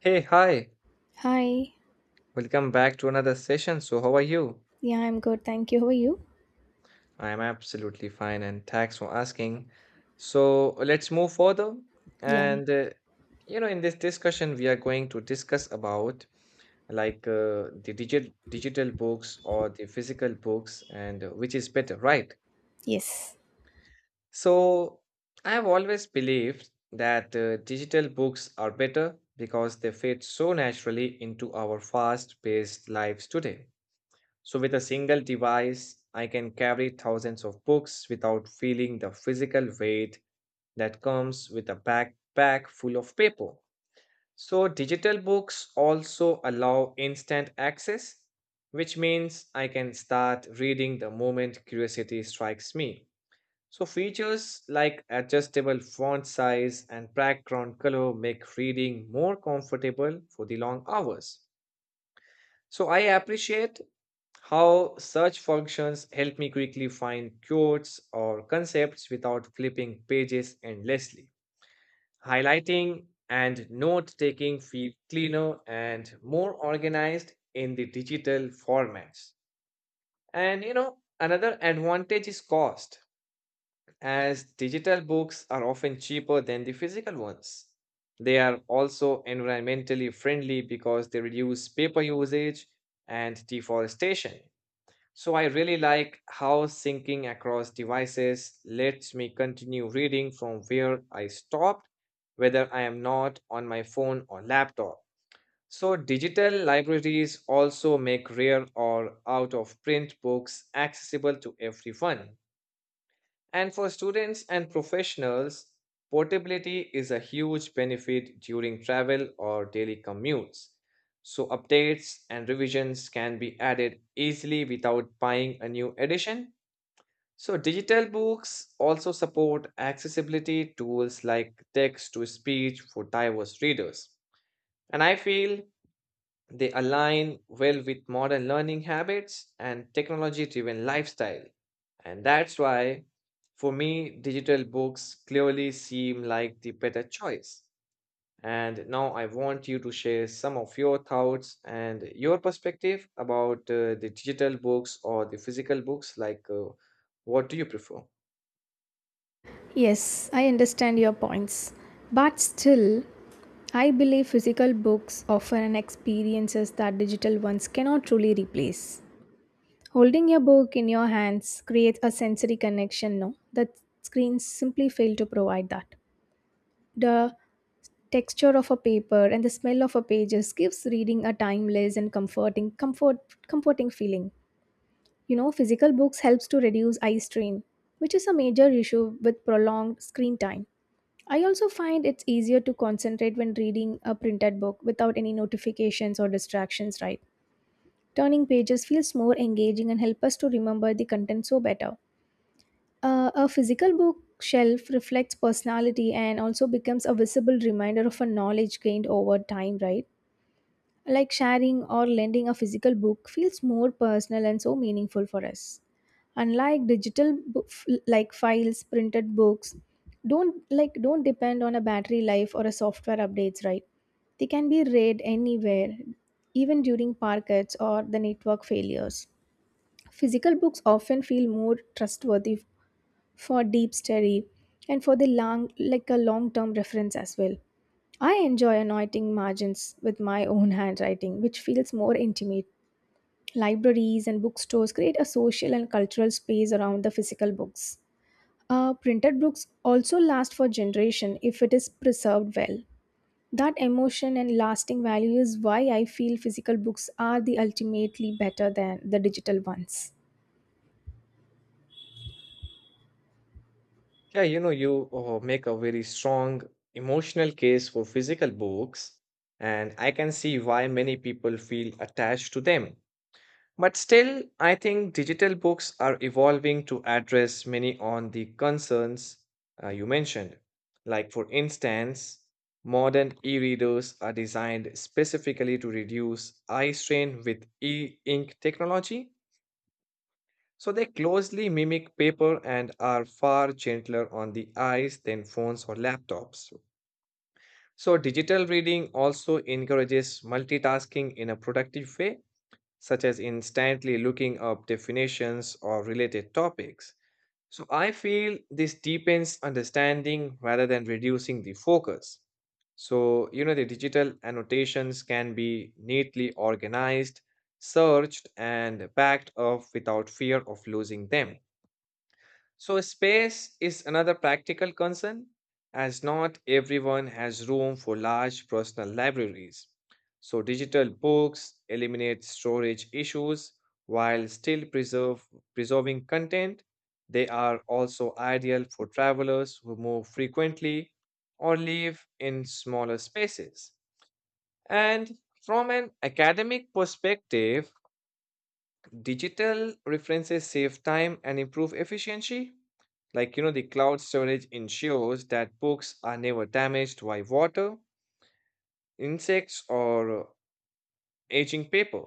Hey, hi. Hi. Welcome back to another session. So, how are you? Yeah, I'm good. Thank you. How are you? I am absolutely fine and thanks for asking. So, let's move further. Yeah. And, uh, you know, in this discussion, we are going to discuss about the digital books or the physical books and which is better, right? Yes. So, I have always believed that digital books are better because they fit so naturally into our fast-paced lives today. So, with a single device, I can carry thousands of books without feeling the physical weight that comes with a backpack full of paper. So, digital books also allow instant access, which means I can start reading the moment curiosity strikes me. So, features like adjustable font size and background color make reading more comfortable for the long hours. So, I appreciate how search functions help me quickly find quotes or concepts without flipping pages endlessly. Highlighting and note taking feel cleaner and more organized in the digital formats. And you know, another advantage is cost, as digital books are often cheaper than the physical ones. They are also environmentally friendly because they reduce paper usage and deforestation. So I really like how syncing across devices lets me continue reading from where I stopped, whether I am not on my phone or laptop. So digital libraries also make rare or out of print books accessible to everyone. And for students and professionals, portability is a huge benefit during travel or daily commutes. So, updates and revisions can be added easily without buying a new edition. So, digital books also support accessibility tools like text to speech for diverse readers. And I feel they align well with modern learning habits and technology driven lifestyle. And that's why, for me, digital books clearly seem like the better choice. And now I want you to share some of your thoughts and your perspective about the digital books or the physical books. What do you prefer? Yes, I understand your points. But still, I believe physical books offer an experiences that digital ones cannot truly replace. Holding your book in your hands creates a sensory connection, no? The screens simply fail to provide that. The texture of a paper and the smell of a pages gives reading a timeless and comforting feeling. You know, physical books helps to reduce eye strain, which is a major issue with prolonged screen time. I also find it's easier to concentrate when reading a printed book without any notifications or distractions, right? Turning pages feels more engaging and help us to remember the content so better. A physical book shelf reflects personality and also becomes a visible reminder of a knowledge gained over time, right? Like sharing or lending a physical book feels more personal and so meaningful for us. Unlike digital files, printed books don't depend on a battery life or a software updates, right? They can be read anywhere, even during pockets or the network failures. Physical books often feel more trustworthy for deep study and for the long like a long term reference as well. I enjoy annotating margins with my own handwriting, which feels more intimate. Libraries and bookstores create a social and cultural space around the physical books. Printed books also last for generation if it is preserved well. That emotion and lasting value is why I feel physical books are the ultimately better than the digital ones. Yeah, you know, you make a very strong emotional case for physical books, and I can see why many people feel attached to them. But still, I think digital books are evolving to address many on the concerns you mentioned. Like, for instance, modern e-readers are designed specifically to reduce eye strain with e-ink technology so they closely mimic paper and are far gentler on the eyes than phones or laptops. So digital reading also encourages multitasking in a productive way, such as instantly looking up definitions or related topics. So I feel this deepens understanding rather than reducing the focus. So, you know, the digital annotations can be neatly organized, searched, and backed up without fear of losing them. So, space is another practical concern, as not everyone has room for large personal libraries. So, digital books eliminate storage issues while preserving content. They are also ideal for travelers who move frequently or live in smaller spaces. And from an academic perspective, digital references save time and improve efficiency like, you know, the cloud storage ensures that books are never damaged by water, insects, or aging paper.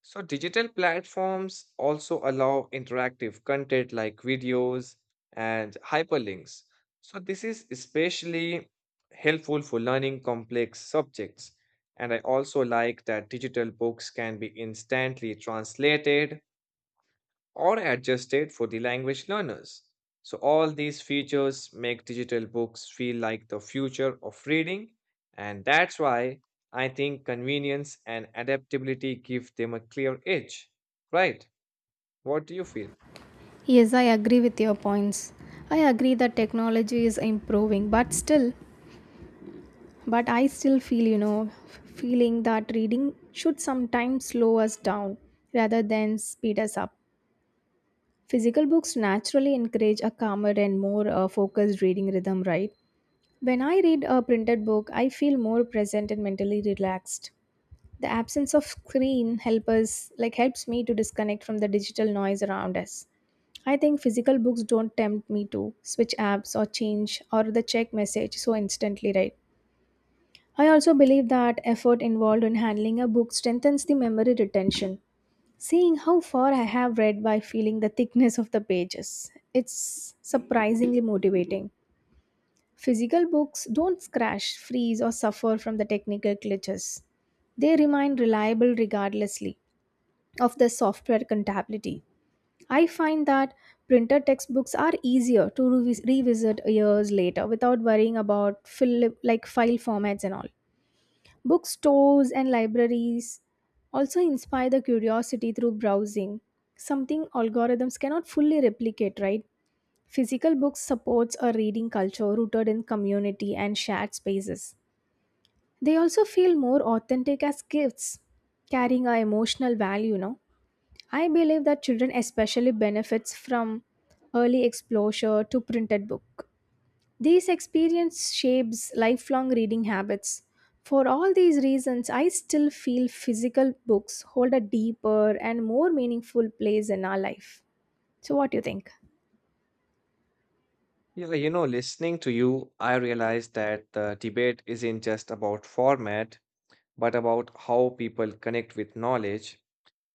So, digital platforms also allow interactive content like videos and hyperlinks. So, this is especially helpful for learning complex subjects. And I also like that digital books can be instantly translated or adjusted for the language learners. So, all these features make digital books feel like the future of reading, and that's why I think convenience and adaptability give them a clear edge. Right? What do you feel? Yes, I agree with your points. I agree that technology is improving, but I still feel, you know, feeling that reading should sometimes slow us down rather than speed us up. Physical books naturally encourage a calmer and more focused reading rhythm, right? When I read a printed book, I feel more present and mentally relaxed. The absence of screen help us, like helps me to disconnect from the digital noise around us. I think physical books don't tempt me to switch apps or change or the check message so instantly, right? I also believe that effort involved in handling a book strengthens the memory retention. Seeing how far I have read by feeling the thickness of the pages, it's surprisingly motivating. Physical books don't scratch, freeze, or suffer from the technical glitches. They remain reliable regardlessly of the software compatibility. I find that printed textbooks are easier to revisit years later without worrying about file formats and all. Bookstores and libraries also inspire the curiosity through browsing, something algorithms cannot fully replicate, right? Physical books supports a reading culture rooted in community and shared spaces. They also feel more authentic as gifts, carrying a emotional value, no? I believe that children especially benefits from early exposure to printed book. These experience shapes lifelong reading habits. For all these reasons, I still feel physical books hold a deeper and more meaningful place in our life. So what do you think? Yeah, you know, listening to you, I realized that the debate isn't just about format, but about how people connect with knowledge.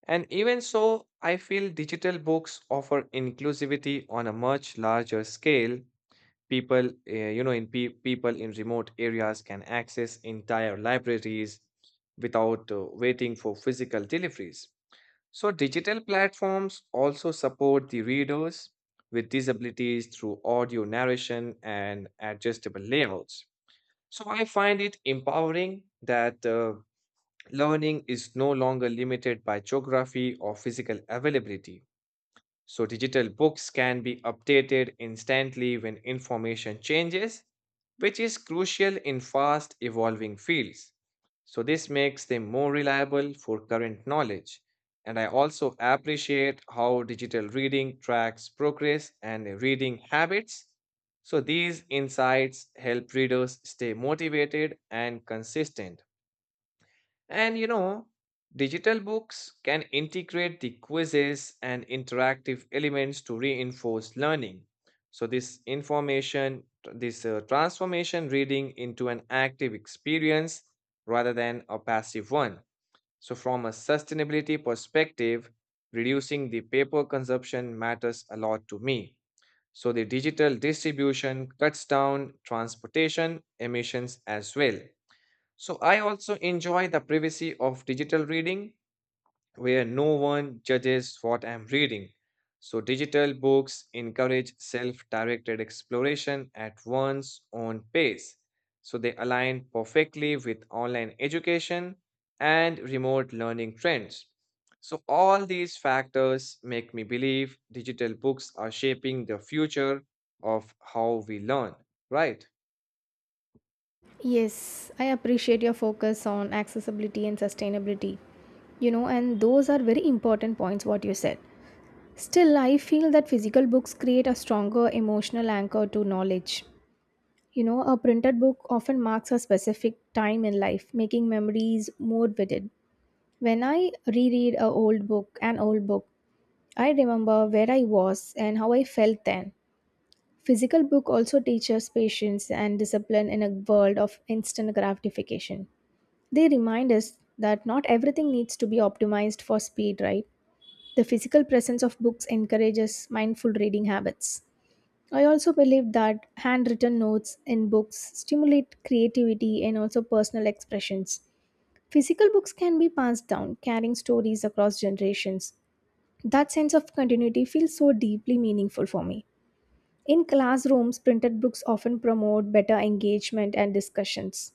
And even so, I feel digital books offer inclusivity on a much larger scale. People people in remote areas can access entire libraries without waiting for physical deliveries. So digital platforms also support the readers with disabilities through audio narration and adjustable layouts. So I find it empowering that learning is no longer limited by geography or physical availability. So, digital books can be updated instantly when information changes, which is crucial in fast evolving fields. So, this makes them more reliable for current knowledge. And I also appreciate how digital reading tracks progress and reading habits. So, these insights help readers stay motivated and consistent. And you know, digital books can integrate the quizzes and interactive elements to reinforce learning. So, this transformation reading into an active experience rather than a passive one. So, from a sustainability perspective, reducing the paper consumption matters a lot to me. So, the digital distribution cuts down transportation emissions as well. So I also enjoy the privacy of digital reading where no one judges what I'm reading. So digital books encourage self-directed exploration at one's own pace. So they align perfectly with online education and remote learning trends. So all these factors make me believe digital books are shaping the future of how we learn, right? Yes, I appreciate your focus on accessibility and sustainability. You know, and those are very important points what you said. Still, I feel that physical books create a stronger emotional anchor to knowledge. You know, a printed book often marks a specific time in life, making memories more vivid. When I reread an old book, I remember where I was and how I felt then. Physical book also teaches patience and discipline in a world of instant gratification. They remind us that not everything needs to be optimized for speed, right? The physical presence of books encourages mindful reading habits. I also believe that handwritten notes in books stimulate creativity and also personal expressions. Physical books can be passed down, carrying stories across generations. That sense of continuity feels so deeply meaningful for me. In classrooms, printed books often promote better engagement and discussions.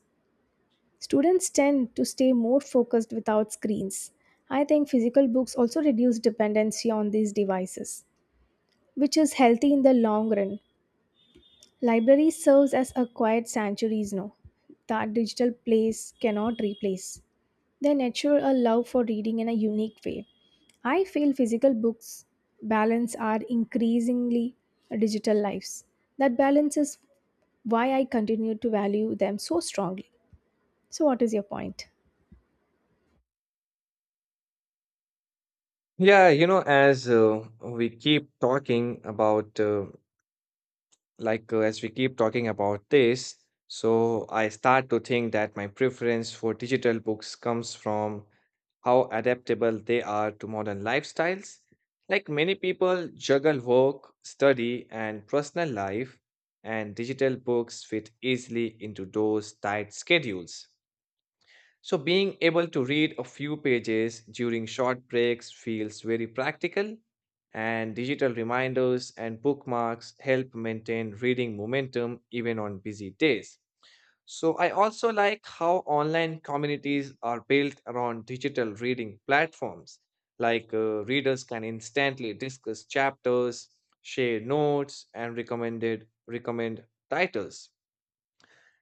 Students tend to stay more focused without screens. I think physical books also reduce dependency on these devices, which is healthy in the long run. Library serves as a quiet sanctuaries now that digital place cannot replace. They nurture a love for reading in a unique way. I feel physical books balance are increasingly digital lives. That balance is why I continue to value them so strongly. So what is your point? Yeah, you know, as we keep talking about, like, as we keep talking about this, so I start to think that my preference for digital books comes from how adaptable they are to modern lifestyles. Like, many people juggle work, study, and personal life, and digital books fit easily into those tight schedules. So, being able to read a few pages during short breaks feels very practical, and digital reminders and bookmarks help maintain reading momentum even on busy days. So, I also like how online communities are built around digital reading platforms. Readers can instantly discuss chapters, share notes, and recommend titles.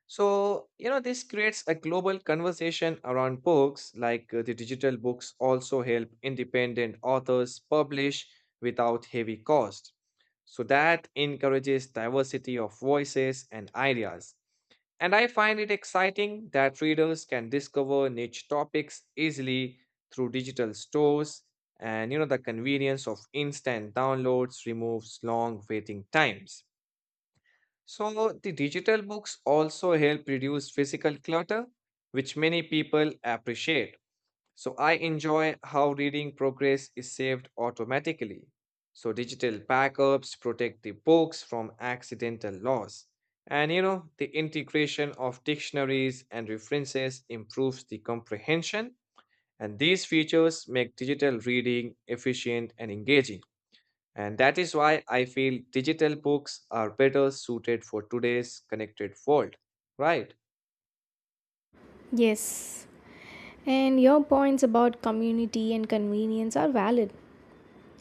So, you know, this creates a global conversation around books, the digital books also help independent authors publish without heavy cost. So, that encourages diversity of voices and ideas. And I find it exciting that readers can discover niche topics easily through digital stores. And, you know, the convenience of instant downloads removes long waiting times. So, the digital books also help reduce physical clutter, which many people appreciate. So, I enjoy how reading progress is saved automatically. So, digital backups protect the books from accidental loss. And you know, the integration of dictionaries and references improves the comprehension, and these features make digital reading efficient and engaging. And that is why I feel digital books are better suited for today's connected world, right? Yes. And your points about community and convenience are valid.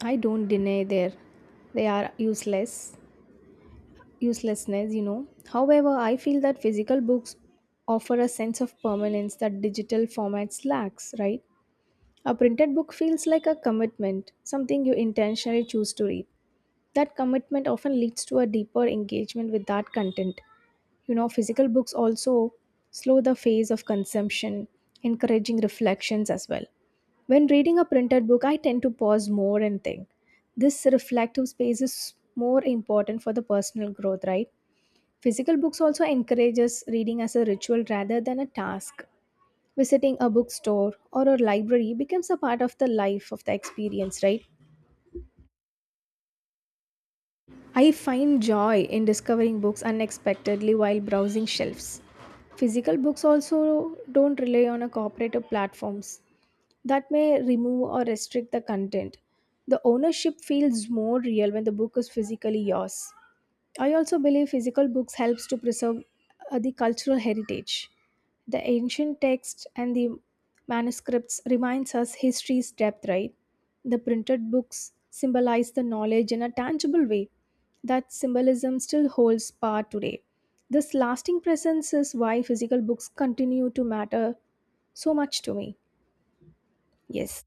I don't deny there; they are uselessness, you know. However, I feel that physical books offer a sense of permanence that digital formats lacks, right? A printed book feels like a commitment, something you intentionally choose to read. That commitment often leads to a deeper engagement with that content. You know, physical books also slow the phase of consumption, encouraging reflections as well. When reading a printed book, I tend to pause more and think. This reflective space is more important for the personal growth, right? Physical books also encourages reading as a ritual rather than a task. Visiting a bookstore or a library becomes a part of the life of the experience, right? I find joy in discovering books unexpectedly while browsing shelves. Physical books also don't rely on a cooperative platforms that may remove or restrict the content. The ownership feels more real when the book is physically yours. I also believe physical books helps to preserve the cultural heritage. The ancient text and the manuscripts reminds us history's depth, right? The printed books symbolize the knowledge in a tangible way. That symbolism still holds power today. This lasting presence is why physical books continue to matter so much to me. Yes.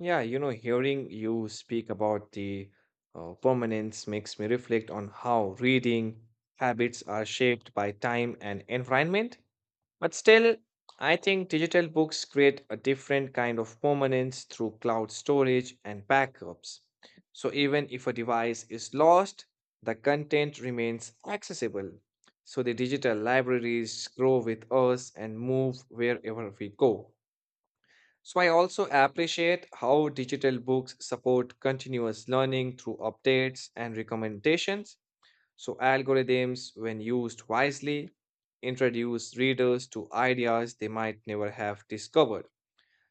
Yeah, you know, hearing you speak about the permanence makes me reflect on how reading habits are shaped by time and environment. But still, I think digital books create a different kind of permanence through cloud storage and backups. So even if a device is lost, the content remains accessible. So the digital libraries grow with us and move wherever we go. So I also appreciate how digital books support continuous learning through updates and recommendations so, algorithms, when used wisely, introduce readers to ideas they might never have discovered.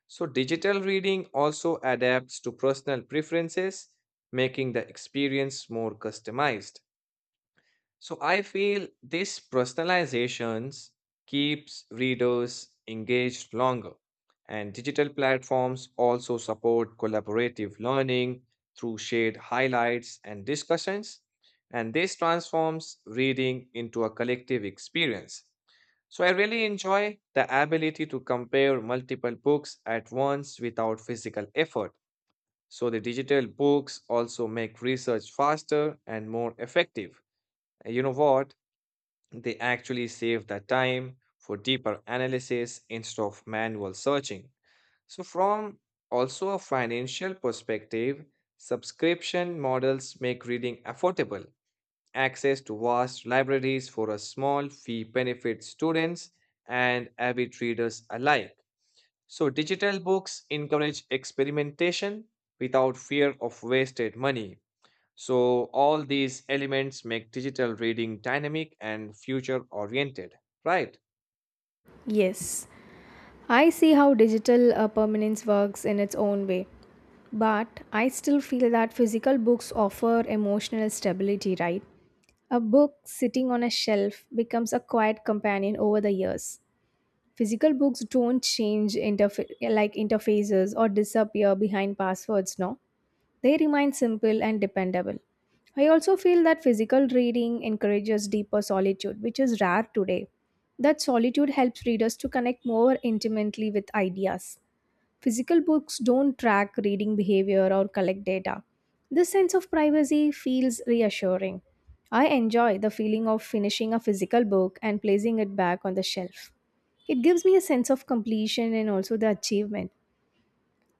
So, digital reading also adapts to personal preferences, making the experience more customized. So I feel this personalizations keeps readers engaged longer. And digital platforms also support collaborative learning through shared highlights and discussions. And this transforms reading into a collective experience. So I really enjoy the ability to compare multiple books at once without physical effort. So the digital books also make research faster and more effective. And you know what? They actually save the time for deeper analysis instead of manual searching. So, from also a financial perspective, subscription models make reading affordable. Access to vast libraries for a small fee benefits students and avid readers alike. So, digital books encourage experimentation without fear of wasted money. So, all these elements make digital reading dynamic and future oriented, right? Yes. I see how digital permanence works in its own way, but I still feel that physical books offer emotional stability, right? A book sitting on a shelf becomes a quiet companion over the years. Physical books don't change interfaces or disappear behind passwords, no? They remain simple and dependable. I also feel that physical reading encourages deeper solitude, which is rare today. That solitude helps readers to connect more intimately with ideas. Physical books don't track reading behavior or collect data. This sense of privacy feels reassuring. I enjoy the feeling of finishing a physical book and placing it back on the shelf. It gives me a sense of completion and also the achievement.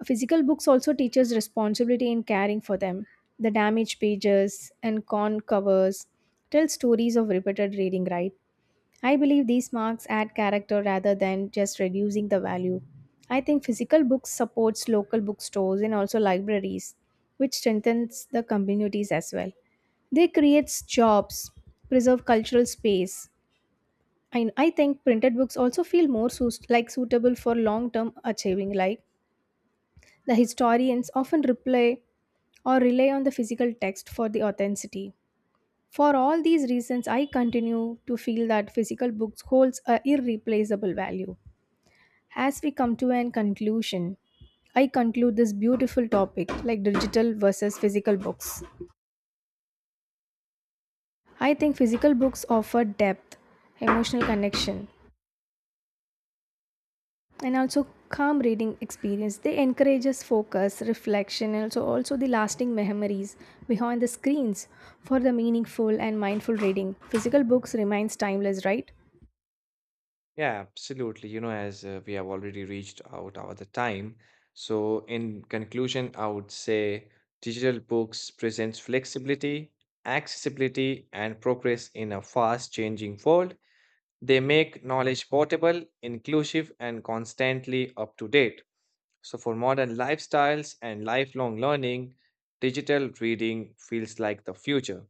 Physical books also teaches responsibility in caring for them. The damaged pages and con covers tell stories of repeated reading, right? I believe these marks add character rather than just reducing the value. I think physical books supports local bookstores and also libraries, which strengthens the communities as well. They creates jobs, preserve cultural space. And I think printed books also feel more suitable for long-term achieving, like the historians often reply or rely on the physical text for the authenticity. For all these reasons, I continue to feel that physical books holds a irreplaceable value. As we come to an conclusion, I conclude this beautiful topic like digital versus physical books. I think physical books offer depth, emotional connection, and also calm reading experience. They encourage us focus reflection and also the lasting memories behind the screens. For the meaningful and mindful reading, physical books remains timeless, right? Yeah, absolutely. You know, as we have already reached out over the time. So, in conclusion, I would say digital books presents flexibility, accessibility, and progress in a fast changing world. They make knowledge portable, inclusive, and constantly up to date. So, for modern lifestyles and lifelong learning, digital reading feels like the future.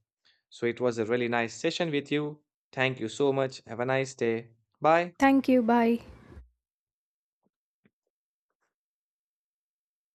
So, it was a really nice session with you. Thank you so much. Have a nice day. Bye. Thank you. Bye.